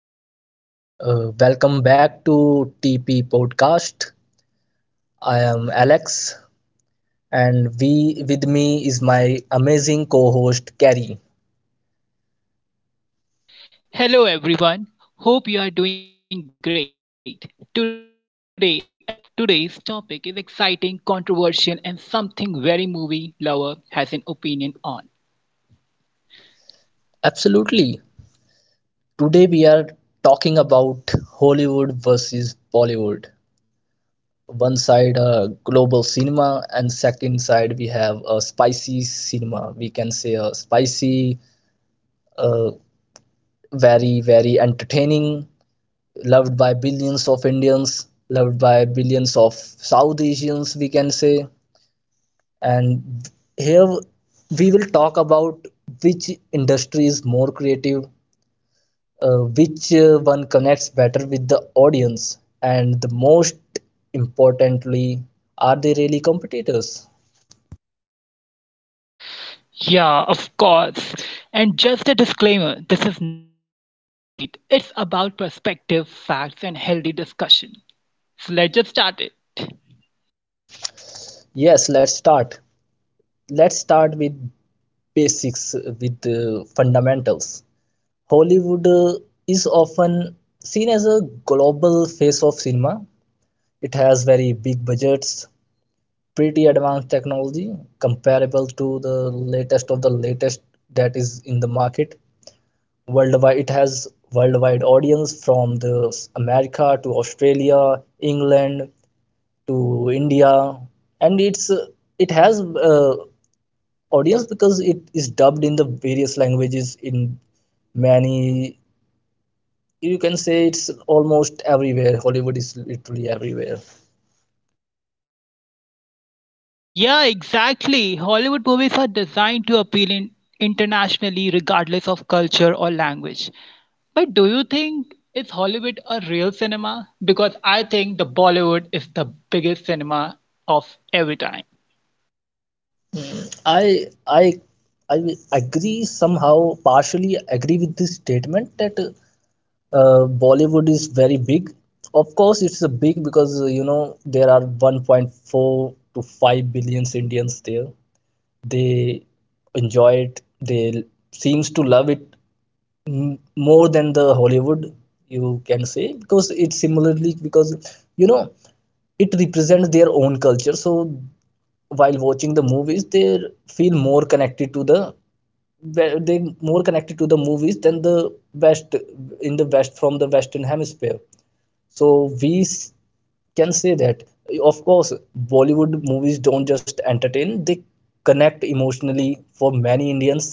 everyone. Welcome back to TP Podcast. I am Alex, and we with me is my amazing co-host Carrie. Hello everyone. Hope you are doing great. Today, today's topic is exciting, controversial and something very movie lover has an opinion on. Absolutely. Today we are talking about Hollywood versus Bollywood. One side, global cinema, and second side we have a spicy cinema. We can say a spicy, uh, very entertaining, loved by billions of Indians, loved by billions of South Asians, we can say. And here we will talk about which industry is more creative, which one connects better with the audience, and the most importantly, are they really competitors? Yeah, of course. And just a disclaimer, this is not about hate. It's about perspective, facts and healthy discussion. So let's just start it. Yes, let's start. Let's start with basics, with fundamentals. Hollywood is often seen as a global face of cinema. It has very big budgets, pretty advanced technology comparable to the latest of the latest that is in the market. Worldwide, it has worldwide audience from the America to Australia, England to India, and it has audience because it is dubbed in the various languages in many. You can say it's almost everywhere. Hollywood is literally everywhere. Yeah, exactly. Hollywood movies are designed to appeal in internationally regardless of culture or language. But do you think is Hollywood a real cinema? Because I think the Bollywood is the biggest cinema of every time. I i i agree somehow, partially agree with this statement that Bollywood is very big. Of course it's a big because you know, there are 1.4 to 5 billions Indians there. They enjoy it, they seems to love it more than the Hollywood, you can say, because it's similarly because you know, it represents their own culture. So while watching the movies, they feel more connected to the they more connected to the movies than the west in the west, from the Western Hemisphere. So can say that of course Bollywood movies don't just entertain, they connect emotionally. For many Indians,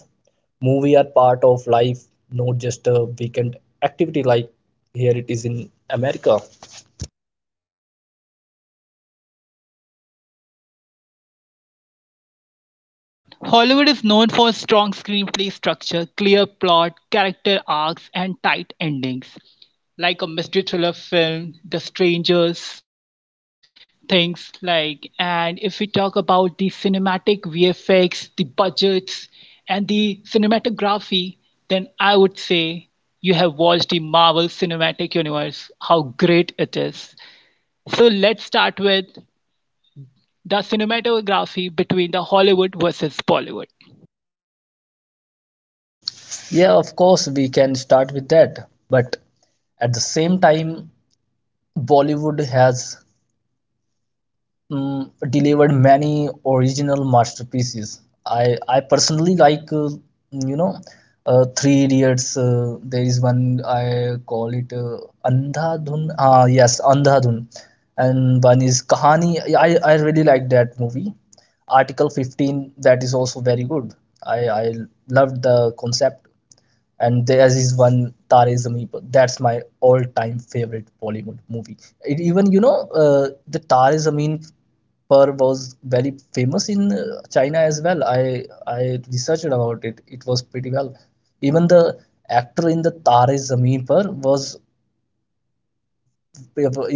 movie are part of life, not just a weekend activity like here it is in America. Yeah, pretty sure. But Hollywood is known for strong screenplay structure, clear plot, character arcs, and tight endings. Like a mystery thriller film, The Strangers, things like. And if we talk about the cinematic VFX, the budgets, and the cinematography, then I would say you have watched the Marvel Cinematic Universe, how great it is. So let's start with the cinematography between the Hollywood versus Bollywood. Yeah, of course we can start with that. But at the same time, Bollywood has delivered many original masterpieces. I personally like, you know, Three Idiots. There is one I call it Andhadhun. Ah yes, Andhadhun, and one is Kahani. I really like that movie. Article 15, that is also very good. I loved the concept, and there is one Tare Zameen Par. That's my all-time favorite Bollywood movie. It even, you know, the Tare Zameen Par was very famous in China as well. I researched about it. It was pretty well. Even the actor in the Tare Zameen Par was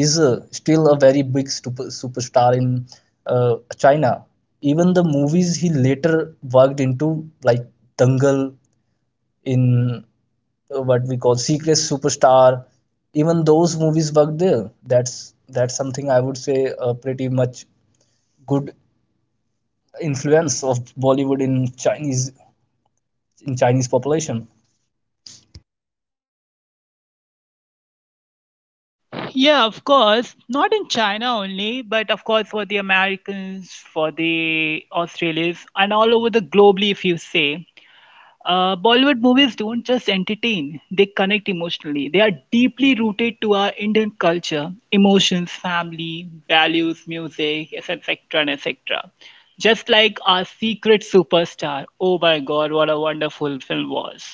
is still a very big superstar in China. Even the movies he later worked into, like Dangal, in what we call Secret Superstar. Even those movies work there. That's something I would say pretty much good influence of Bollywood in Chinese population. Yeah, of course. Not in China only, but of course for the Americans, for the Australians, and all over the globally, if you say. Bollywood movies don't just entertain, they connect emotionally. They are deeply rooted to our Indian culture, emotions, family, values, music, etc. and etc. Just like our secret superstar. Oh my God, what a wonderful film was.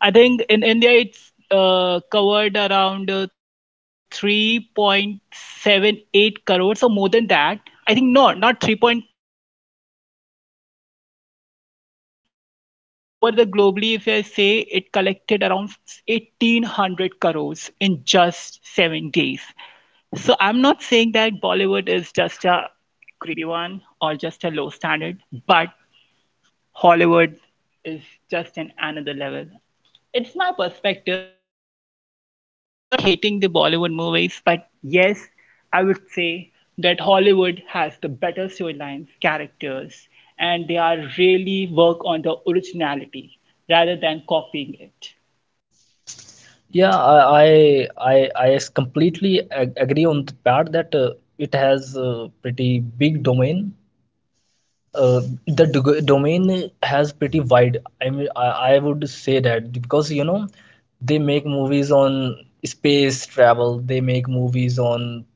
I think in India it's covered around 3.78 crores or more than that. I think no, not 3.7, it's 37.8 crores. And over the globally, if I say it collected around 1800 crores in just 7 days. So I'm not saying that Bollywood is just a creepy one or just a low standard, but Hollywood is just an another level. It's my perspective. I'm not hating the Bollywood movies, but yes, I would say that Hollywood has the better storylines, characters, and they are really work on the originality rather than copying it. Yeah, I completely agree on the part that it has a pretty big domain. The domain has pretty wide, I mean, I would say. That because you know, they make movies on space travel. They make movies on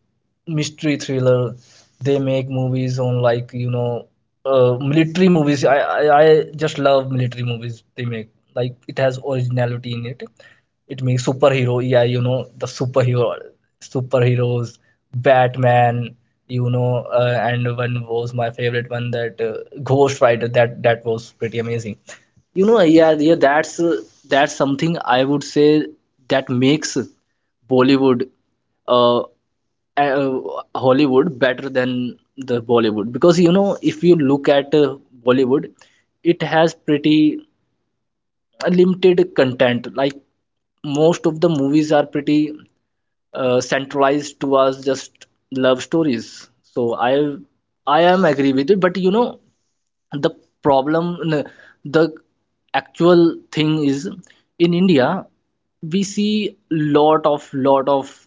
mystery thriller. They make movies on, like, you know, military movies. I just love military movies they make, like, it has originality in it. It makes superhero, yeah, you know, the superhero, superheroes, Batman, you know, and one was my favorite one, that Ghost Rider. That was pretty amazing, you know. Yeah, yeah, that's something I would say that makes bollywood uh uh, Hollywood better than the Bollywood. Because you know, if you look at Bollywood, it has pretty limited content. Like most of the movies are pretty centralized towards just love stories. So I am agree with it, but you know, the problem n- the actual thing is, in India we see lot of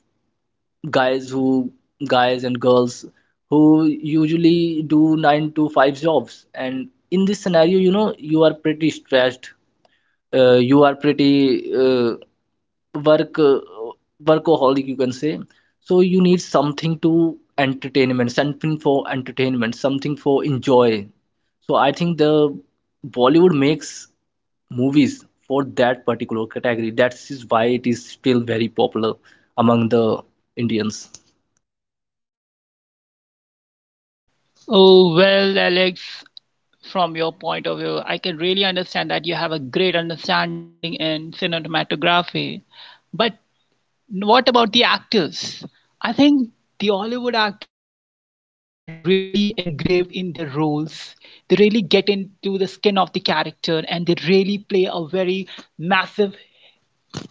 guys who guys and girls who usually do 9 to 5 jobs, and in this scenario, you know, you are pretty stressed, you are pretty work uh, workaholic, you can say. So you need something to entertainment, something for entertainment, something for enjoy. So I think the Bollywood makes movies for that particular category. That is why it is still very popular among the Indians. Oh, well, Alex, from your point of view, I can really understand that you have a great understanding in cinematography. But what about the actors? I think the Hollywood actors are really engraved in their roles. They really get into the skin of the character and they really play a very massive.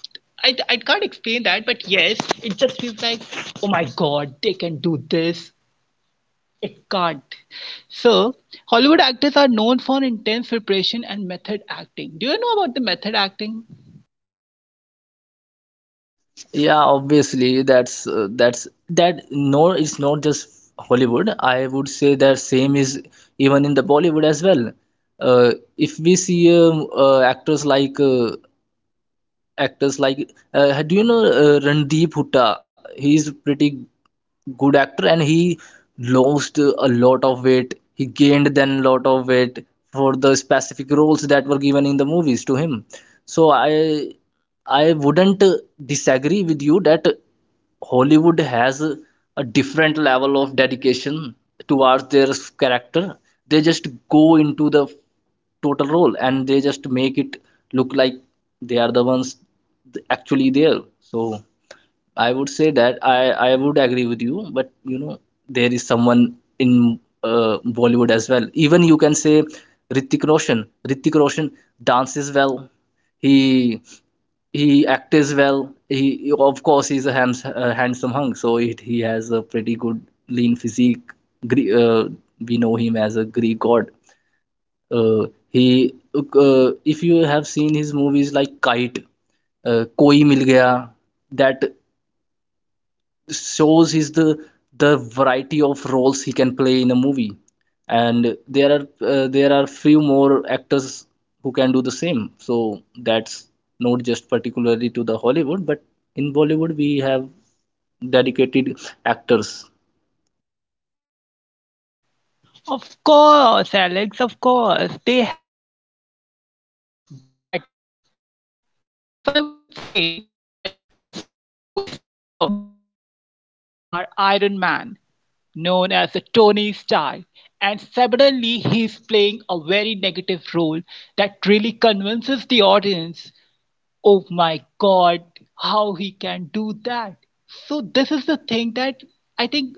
I can't explain that, but yes, it just feels like, oh my God, they can do this. It can't. So, Hollywood actors are known for intense preparation and method acting. Do you know about the method acting? Yeah, obviously that's that no, it's not just Hollywood. I would say that same is even in the Bollywood as well. If we see actors like, do you know Randeep Hooda? He's pretty good actor, and he lost a lot of weight. He gained then a lot of weight for the specific roles that were given in the movies to him. So I wouldn't disagree with you that Hollywood has a different level of dedication towards their character. They just go into the total role and they just make it look like they are the ones actually there. So I would say that I would agree with you, but you know, there is someone in Bollywood as well, even, you can say. Ritik Roshan dances well. He he acts well. Of course he's a handsome hunk, so it, he has a pretty good lean physique. Gre- uh, we know him as a Greek god. Uh, he, if you have seen his movies like Kite, Koi Mil Gaya, that shows his the variety of roles he can play in a movie. And there are few more actors who can do the same. So that's not just particularly to the Hollywood, but in Bollywood we have dedicated actors. Of course, Alex, of course, they have. But if I would say that a person who is playing a very good positive role, like our Iron Man, known as a Tony Stark, and suddenly he is playing a very negative role that really convinces the audience. Oh my God, how he can do that. So this is the thing that I think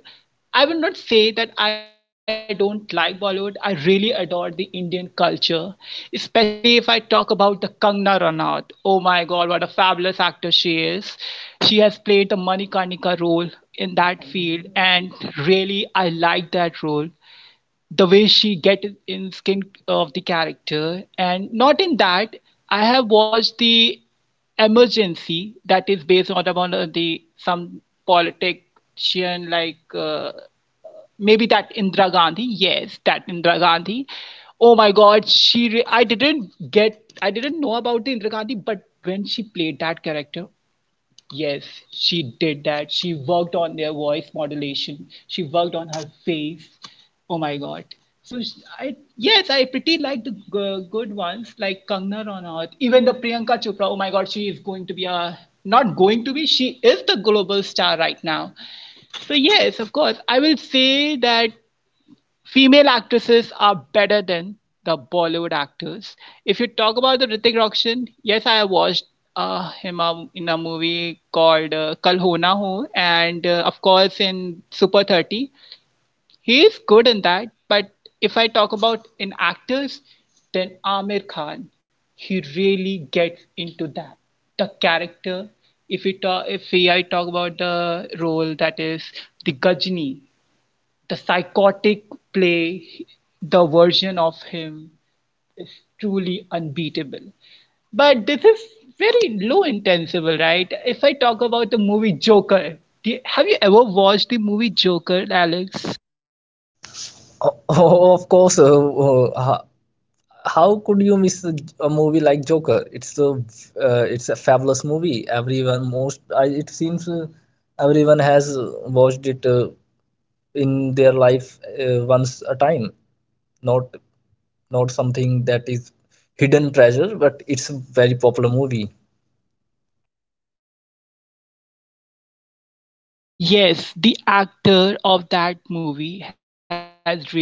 I will not say that I don't like Bollywood. I really adore the Indian culture, especially if I talk about the Kangna Ranaut. Oh my God, what a fabulous actor she is. She has played the Manikarnika role in that field and really I like that role the way she get it in skin of the character and not in that I have watched the emergency that is based on upon the some politician like maybe that Indira Gandhi, yes that Indira Gandhi. Oh my God, I didn't get, I didn't know about the Indira Gandhi, but when she played that character. Yes, she did that. She worked on their voice modulation. She worked on her face. Oh my God. I yes, I pretty like the good ones like Kangna Ranaut, even the Priyanka Chopra. Oh my God, she is going to be a, not going to be. She is the global star right now. So yes, of course, I will say that female actresses are better than the Bollywood actors. If you talk about the Hrithik Roshan, yes, I have watched him in a movie called Kal Ho Na Ho, and of course in Super 30. He is good in that, but if I talk about in actors, then Amir Khan, he really gets into that. The character, if we talk, if we, I talk about the role that is the Gajni, the psychotic play, the version of him truly unbeatable. But this is very low intensible, right? If I talk about the movie Joker, have you ever watched the movie Joker, Alex? Oh, of course, how could you miss a movie like Joker? It's a fabulous movie. Everyone, most, it seems everyone has watched it in their life once a time. Not not something that is hidden treasure, but it's a very popular movie. Yes, the actor of that movie has really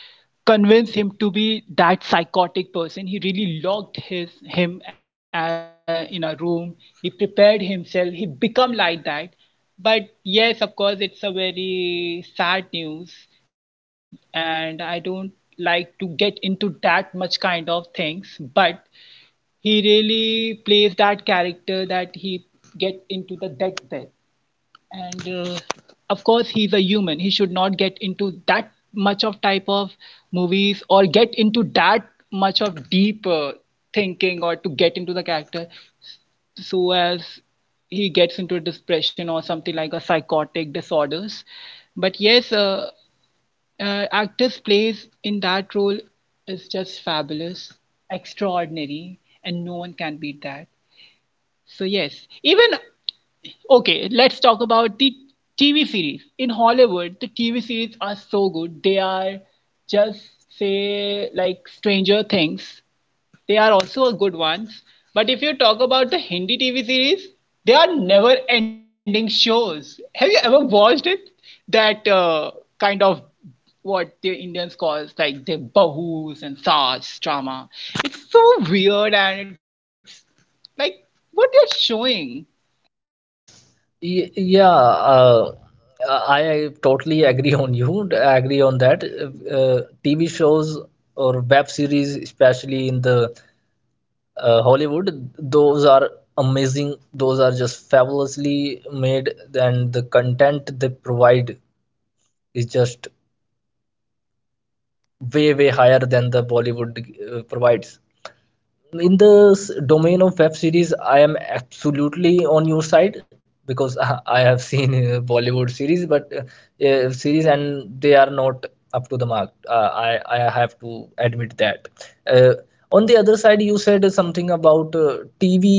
convinced him to be that psychotic person. He really locked his him in a room. He prepared himself. He become like that. But yes, of course, it's a very sad news, and I don't like to get into that much kind of things. But he really plays that character that he get into the deathbed and of course he's a human, he should not get into that much of type of movies or get into that much of deep thinking or to get into the character, so as he gets into a depression or something like a psychotic disorders. But yes, actors plays in that role is just fabulous, extraordinary, and no one can beat that. So yes, even okay, let's talk about the TV series. In Hollywood, the TV series are so good. They are just say like Stranger Things. They are also a good ones. But if you talk about the Hindi TV series, they are never ending shows. Have you ever watched it? That kind of what the Indians calls like the bahus and saj drama. It's so weird and it's like what they're showing. Yeah, I totally agree on you. I agree on that. TV shows or web series, especially in the Hollywood, those are amazing. Those are just fabulously made, and the content they provide is just way higher than the Bollywood provides. In the domain of web series, I am absolutely on your side, because I have seen Bollywood series, but series, and they are not up to the mark. I have to admit that. Uh, on the other side, you said something about tv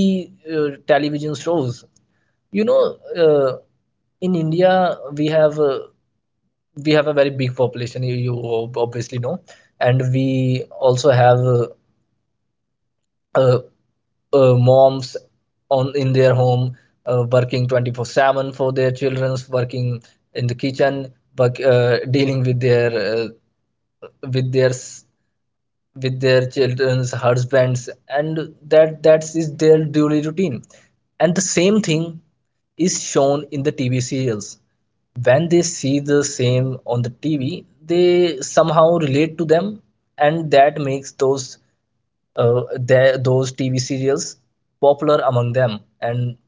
television shows. You know, uh, in India we have uh, we have a very big population, you obviously know. And we also have uh, moms on in their home, working 24/7 for their childrens, working in the kitchen, dealing with their uh, with their with their children's husbands, and that is their daily routine. And the same thing is shown in the TV serials. When they see the same on the TV, they somehow relate to them, and that makes those those TV serials popular among them. and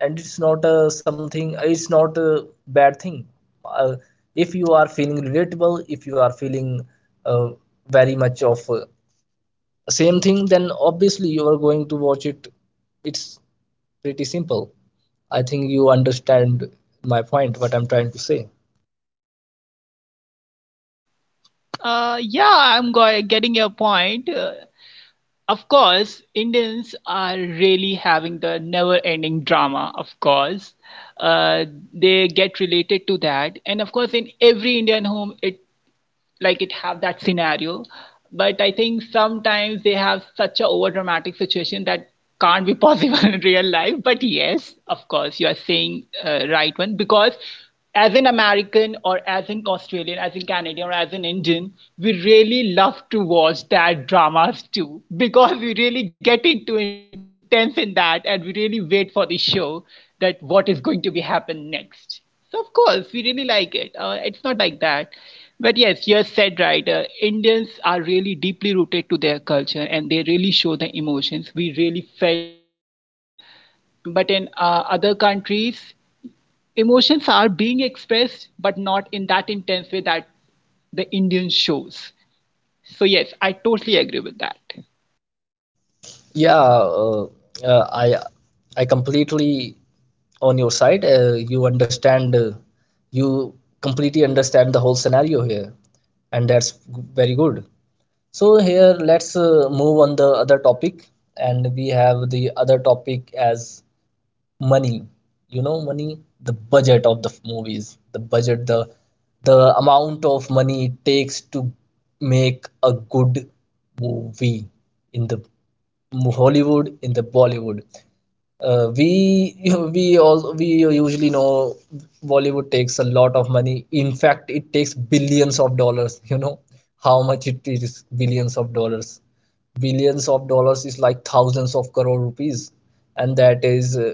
and it's not something it's not a bad thing. Uh, if you are feeling relatable, if you are feeling uh, very much of same thing, then obviously you are going to watch it. It's pretty simple. I think you understand my point, what I'm trying to say. Yeah, I'm getting your point. Of course, Indians are really having the never ending drama, of course. Uh, they get related to that. And of course, in every Indian home, it like it have that scenario. But I think sometimes they have such a over dramatic situation that can't be possible in real life. But yes, of course you are saying right one, because as an American or as an Australian, as an Canadian or as an Indian, we really love to watch that dramas too because we really get into intense in that and we really wait for the show that what is going to be happen next. So of course, we really like it. It's not like that. But yes, you said right. Indians are really deeply rooted to their culture and they really show the emotions. We really felt that. But in other countries, emotions are being expressed, but not in that intense way that the Indian shows. So yes, I totally agree with that. Yeah, uh, i I completely on your side. Uh, you understand, you completely understand the whole scenario here, and that's very good. So here let's move on the other topic. And we have the other topic as money. You know, money, the budget of the movies, the budget the amount of money it takes to make a good movie in the Hollywood, in the Bollywood. Uh, we usually know Bollywood takes a lot of money. In fact, it takes billions of dollars. You know how much it is? Billions of dollars. Billions of dollars is like thousands of crore rupees. And that is uh,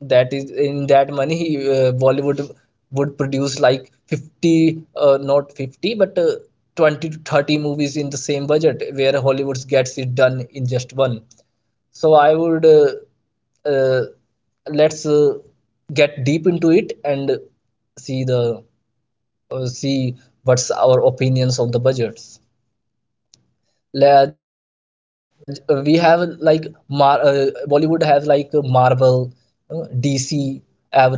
that is in that money, Bollywood would produce like 50, not 50, but 20 to 30 movies in the same budget where Hollywood gets it done in just one. So I would, uh, let's get deep into it and see the see what's our opinions on the budgets. Like we have like Mar Bollywood has like Marvel, DC, Avatar.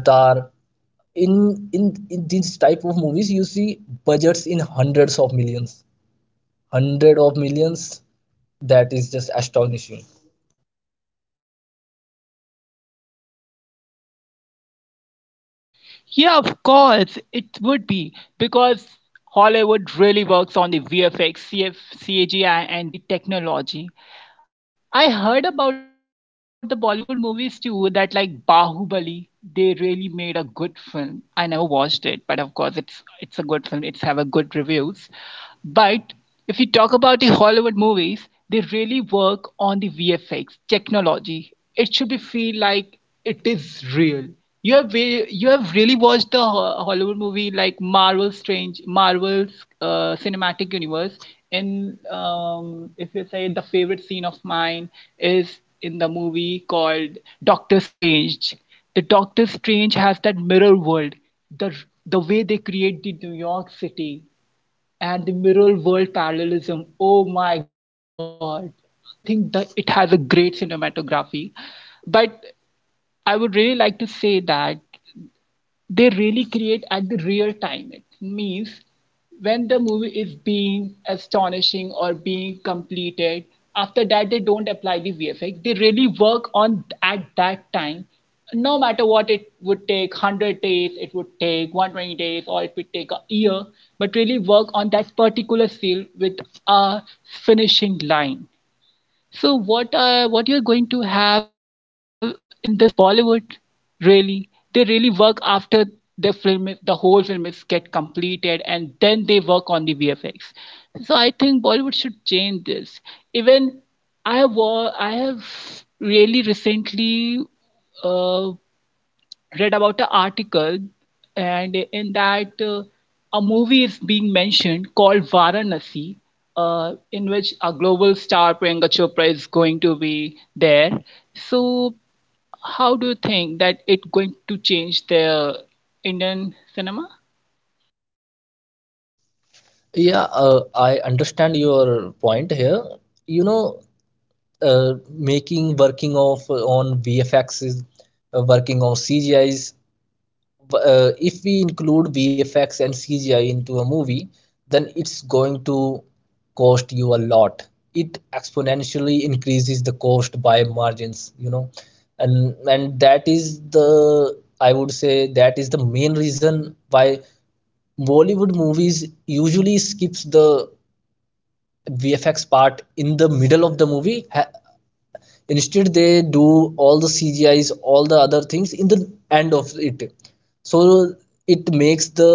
In these type of movies, you see budgets in hundreds of millions, hundred of millions. That is just astonishing. Yeah, of course, it would be because Hollywood really works on the VFX, CF, CGI, and the technology. I heard about the Bollywood movies too, that like Bahubali, they really made a good film. I never watched it, but of course it's a good film. It's have a good reviews. But if you talk about the Hollywood movies, they really work on the VFX technology. It should be feel like it is real. You have you have really watched the Hollywood movie like Marvel Strange Marvel's cinematic universe. And if you say the favorite scene of mine is in the movie called Doctor Strange. The Doctor Strange has that mirror world. The the way they create the New York City and the mirror world parallelism. Oh my God. I think that it has a great cinematography. But I would really like to say that they really create at the real time. It means when the movie is being astonishing or being completed, after that they don't apply the VFX. They really work on at that time. No matter what it would take, 100 days, it would take 120 days, or it would take a year, but really work on that particular scene with a finishing line. So what you're going to have in this Bollywood really, they really work after the whole film is get completed and then they work on the VFX. So I think Bollywood should change this. Even I have really recently uh, read about an article, and in that a movie is being mentioned called Varanasi, in which a global star Priyanka Chopra is going to be there. So, how do you think that it going to change the Indian cinema? Yeah, I understand your point here. You know, making working of on VFXs, working on CGIs, if we include VFX and CGI into a movie, then it's going to cost you a lot. It exponentially increases the cost by margins, and that is the I would say that is the main reason why Bollywood movies usually skips the VFX part in the middle of the movie ha, instead they do all the cgis, all the other things in the end of it. So it makes the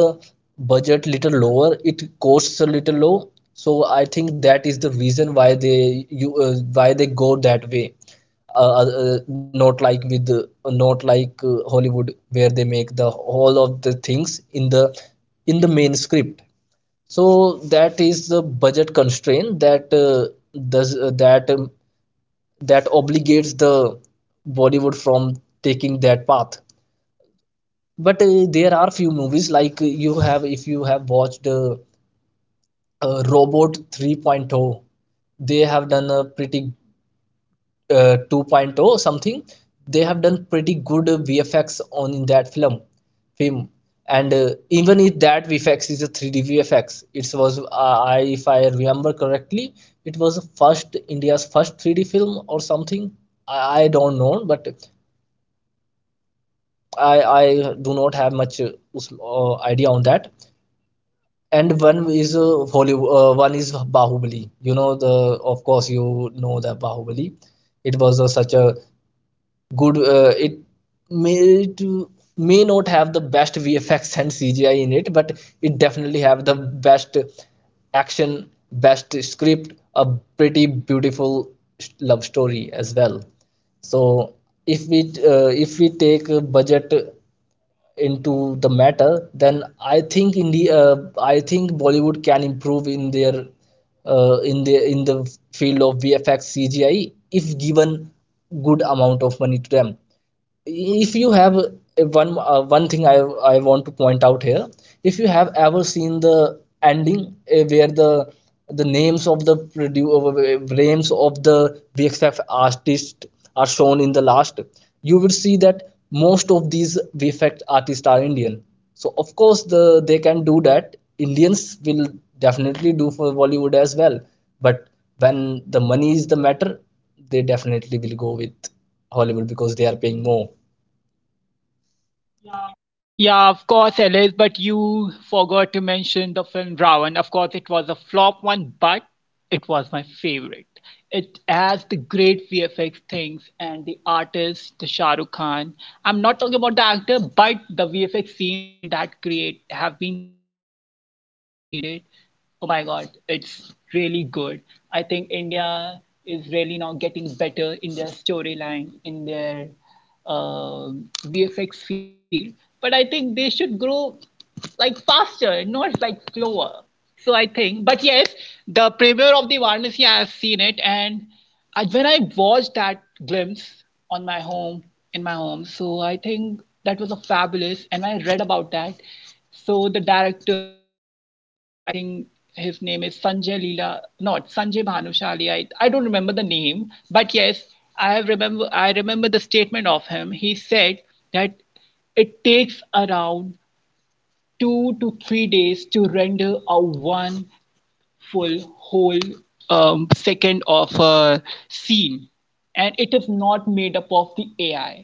budget little lower, it costs a little low. So I think that is the reason why they you why they go that way, not like with the not like Hollywood where they make the whole of the things in the main script. So that is the budget constraint that does that obligates the Bollywood from taking that path. But there are few movies like you have if you have watched Robot 3.0, they have done a pretty 2.0 something. They have done pretty good VFX on in that film and even if that VFX is a 3D VFX, it was I, if I remember correctly, it was first India's first 3D film or something. I don't know, but I do not have much idea on that. And one is Hollywood, one is Bahubali. You know the, of course you know the Bahubali. It was a, such a good. It may it may not have the best VFX and CGI in it, but it definitely have the best action, best script, a pretty beautiful love story as well. So if we take a budget into the matter, then I think in the I think Bollywood can improve in their in the field of VFX CGI if given good amount of money to them. If you have one thing I want to point out here, if you have ever seen the ending where the names of the names of the VFX artists are shown in the last, you will see that most of these VFX artists are Indian. So of course they can do that. Indians will definitely do for Bollywood as well. But when the money is the matter, they definitely will go with. Hollywood because they are paying more. Yeah, of course, Alice, but you forgot to mention the film Ravan. Of course, it was a flop one, but it was my favorite. It has the great VFX things and the artist, the Shah Rukh Khan. I'm not talking about the actor, but the VFX scenes in that create have been created. Oh my God, it's really good. I think India is really now getting better in their storyline, in their um VFX field. But I think they should grow like faster, not like slower. So I think, but yes, the premiere of the Varanasi, I have seen it, and when I watched that glimpse on my home in my home, so I think that was a fabulous. And when I read about that, so the director, I think his name is Sanjay Leela, not Sanjay Bhanushali. I don't remember the name, but yes, I remember the statement of him. He said that it takes around 2 to 3 days to render a one full whole second of a scene, and it is not made up of the AI.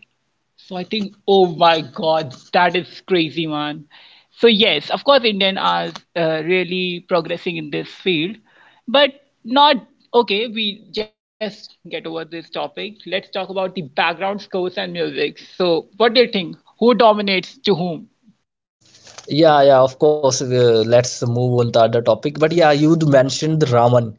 So I think, oh my God, that is crazy, man. So yes, of course, Indian are really progressing in this field, but not okay. We just get over this topic. Let's talk about the background scores and music. So, what do you think? Who dominates to whom? Yeah, yeah, of course. Let's move on to other topic. But yeah, you mentioned the ramen.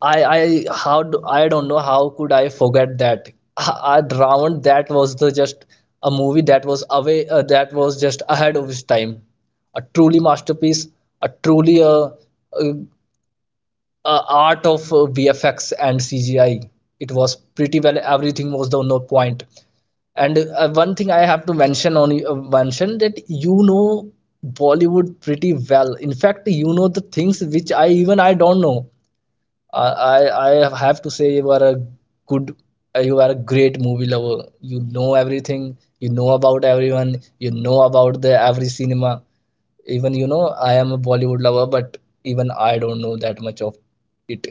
How do, I don't know how could I forget that. I ramen, that was the just a movie that was away that was just ahead of its time. A truly masterpiece. A truly uh, art of VFX and CGI. It was pretty well, everything was on the no point. And one thing I have to mention on mention that you know Bollywood pretty well. In fact, you know the things which I even I don't know. Uh, I I have to say you are a good you are a great movie lover. You know everything. You know about everyone. You know about the every cinema, even you know I am a Bollywood lover, but even I don't know that much of it.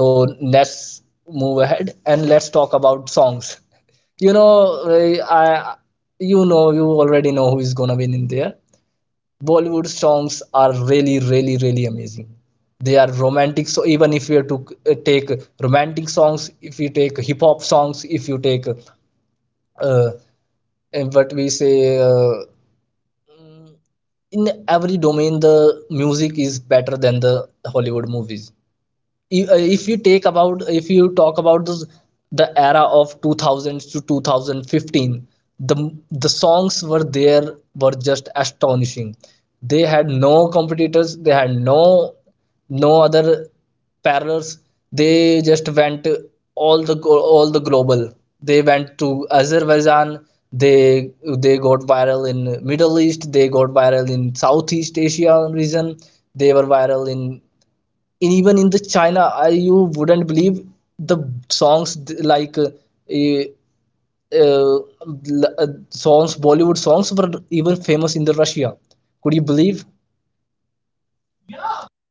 So let's move ahead and let's talk about songs. You know, I you know you already know who is gonna win in there. Bollywood songs are really, really, really amazing. They are romantic, so even if you to take romantic songs, if you take hip hop songs, if you take uh, and what we say in every domain, the music is better than the Hollywood movies. If you take about if you talk about this, the era of 2000s to 2015, the songs were there, were just astonishing. They had no competitors, they had no no other parallels. They just went all the global, they went to Azerbaijan, they they got viral in Middle East, they got viral in Southeast Asia region, they were viral in even in the China, I, you wouldn't believe the like eh, uh, songs, Bollywood songs were even famous in the Russia. Could you believe?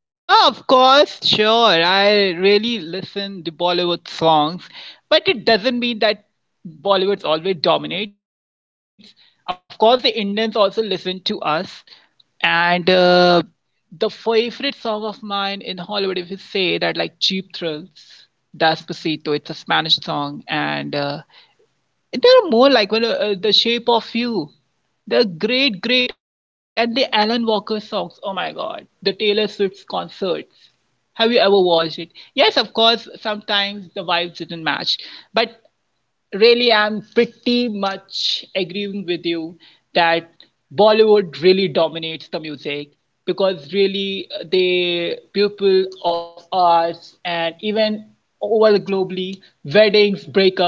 Yeah, of course, sure. I really listen to Bollywood songs, but it doesn't mean that Bollywood always dominates. Of course, the Indians also listen to us, and the favorite song of mine in Hollywood, if you say that, like Cheap Thrills, Despacito, it's a Spanish song, and there are, oh my God, the Taylor Swift concerts. Have you ever watched it? Yes, of course. More like when the Shape of You. The great, great, and the Alan Walker song. Because sometimes the vibes didn't match, but really I'm pretty much agreeing with you that Bollywood really dominates the music, because really the people of arts, and even over globally, weddings, breakups,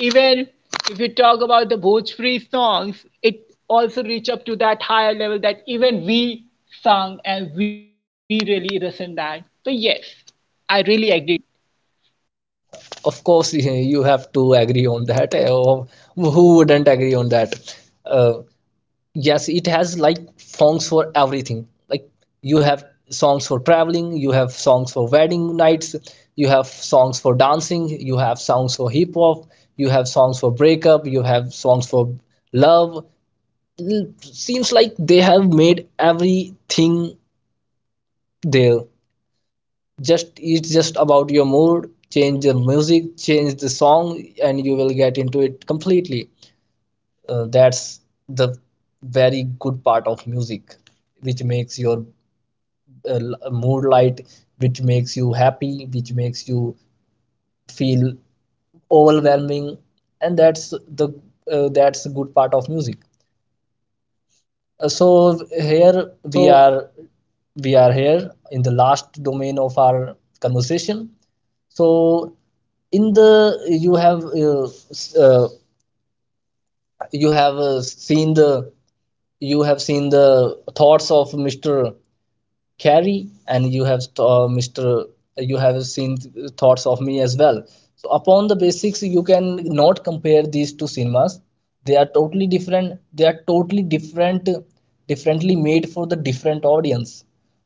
even if you talk about the Bhojpuri songs, it also reach up to that higher level that even we sung and we really listen that. So yes, I really agree to this point. Of course, you have to agree on that. Or who wouldn't agree on that? Uh, Yes, it has like songs for everything. Like you have songs for traveling, you have songs for wedding nights, you have songs for dancing, you have songs for hip hop, you have songs for breakup, you have songs for love. It seems like they have made everything there. Just it's just about your mood, change the music, change the song, and you will get into it completely. That's the very good part of music, which makes your uh, mood light, which makes you happy, which makes you feel overwhelming. And that's the good part of music. So here we So are we are here in the last domain of our conversation. So in the you have s- uh, you have seen the you have seen the thoughts of Mr. Carey, and you have Mr. you have seen thoughts of me as well. So upon the basics, you can not compare these two cinemas. They are totally different. They are totally different, differently made for the different audience.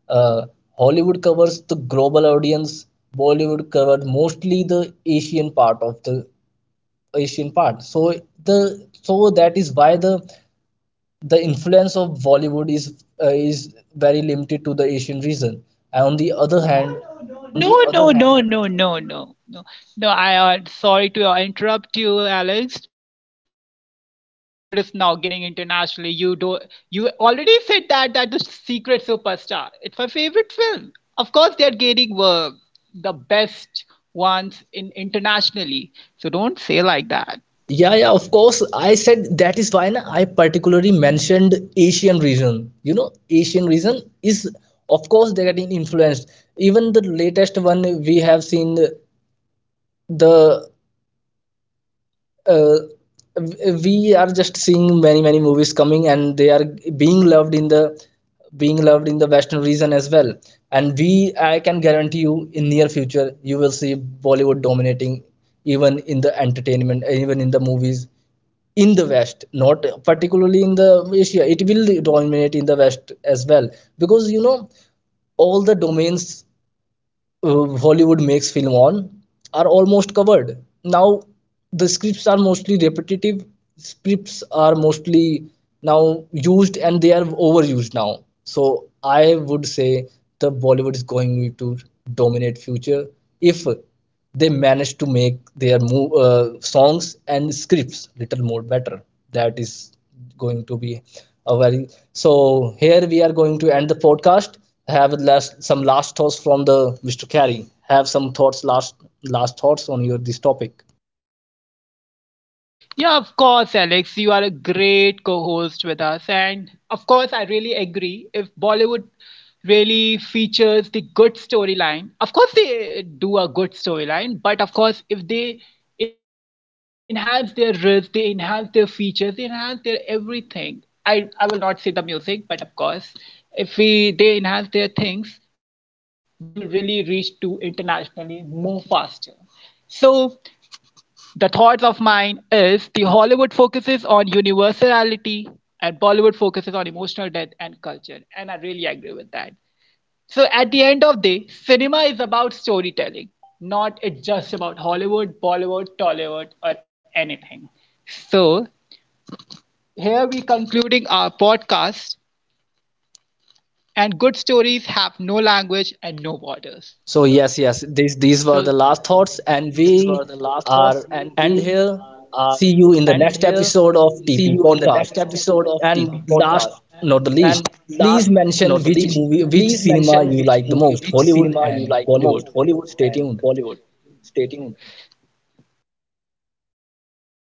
Uh, Hollywood covers the global audience. Bollywood covered mostly the Asian part of the Asian part. So the so that is why the influence of Bollywood is very limited to the Asian region. And on the other hand, no, the other no, hand, no, no, no, no. No, I sorry to interrupt you, Alex, but Bollywood is now gaining internationally. You already said that that the Secret Superstar. It's my favorite film. Of course, they are gaining the best ones in internationally. So don't say like that. yeah, yeah, of course, I said that is why na, I particularly mentioned Asian region. You know, Asian region is of course they're getting influenced. Even the latest one we have seen the uh, we are just seeing many many movies coming and they are being loved in the being loved in the western region as well. And we I can guarantee you in near future you will see Bollywood dominating even in the entertainment, even in the movies, in the west, not particularly in the Asia. It will dominate in the west as well because you know all the domains Hollywood makes film on are almost covered. Now the scripts are mostly repetitive. Scripts are mostly now used and they are overused now. So I would say the Bollywood is going to dominate future if they managed to make their songs and scripts little more better. That is going to be That is. a very so here we are going to end the podcast. Have last some last thoughts from the Mr. Carey, have some thoughts last last thoughts on your this topic. Yeah, of course, Alex. You are a great co host with us. And of course, I really agree. If Bollywood really features the good storyline, of course, they do a good storyline. But of course, if they enhance their risk, they enhance their features, they enhance their everything. I will not say the music, but of course, if we they enhance their things, they will really reach to internationally more faster. So the Thoughts of Mine is the Hollywood focuses on universality and Bollywood focuses on emotional depth and culture. And I really agree with that. So at the end of the day, cinema is about storytelling, not it's just about Hollywood, Bollywood, Tollywood, or anything. So here we concluding our podcast and good stories have no language and no So borders. yes, yes, these were the last So thoughts, and we these were the are last thoughts, end and here. we See you in are the next end episode of here. TP See you Podcast. in the next And episode of last, TP not the Podcast. least, please And mention last, which not movie, the which least, cinema you please like the mention most, which Hollywood movie, and which cinema Bollywood. you like the Stay most, tuned. Hollywood and Bollywood. Stay tuned.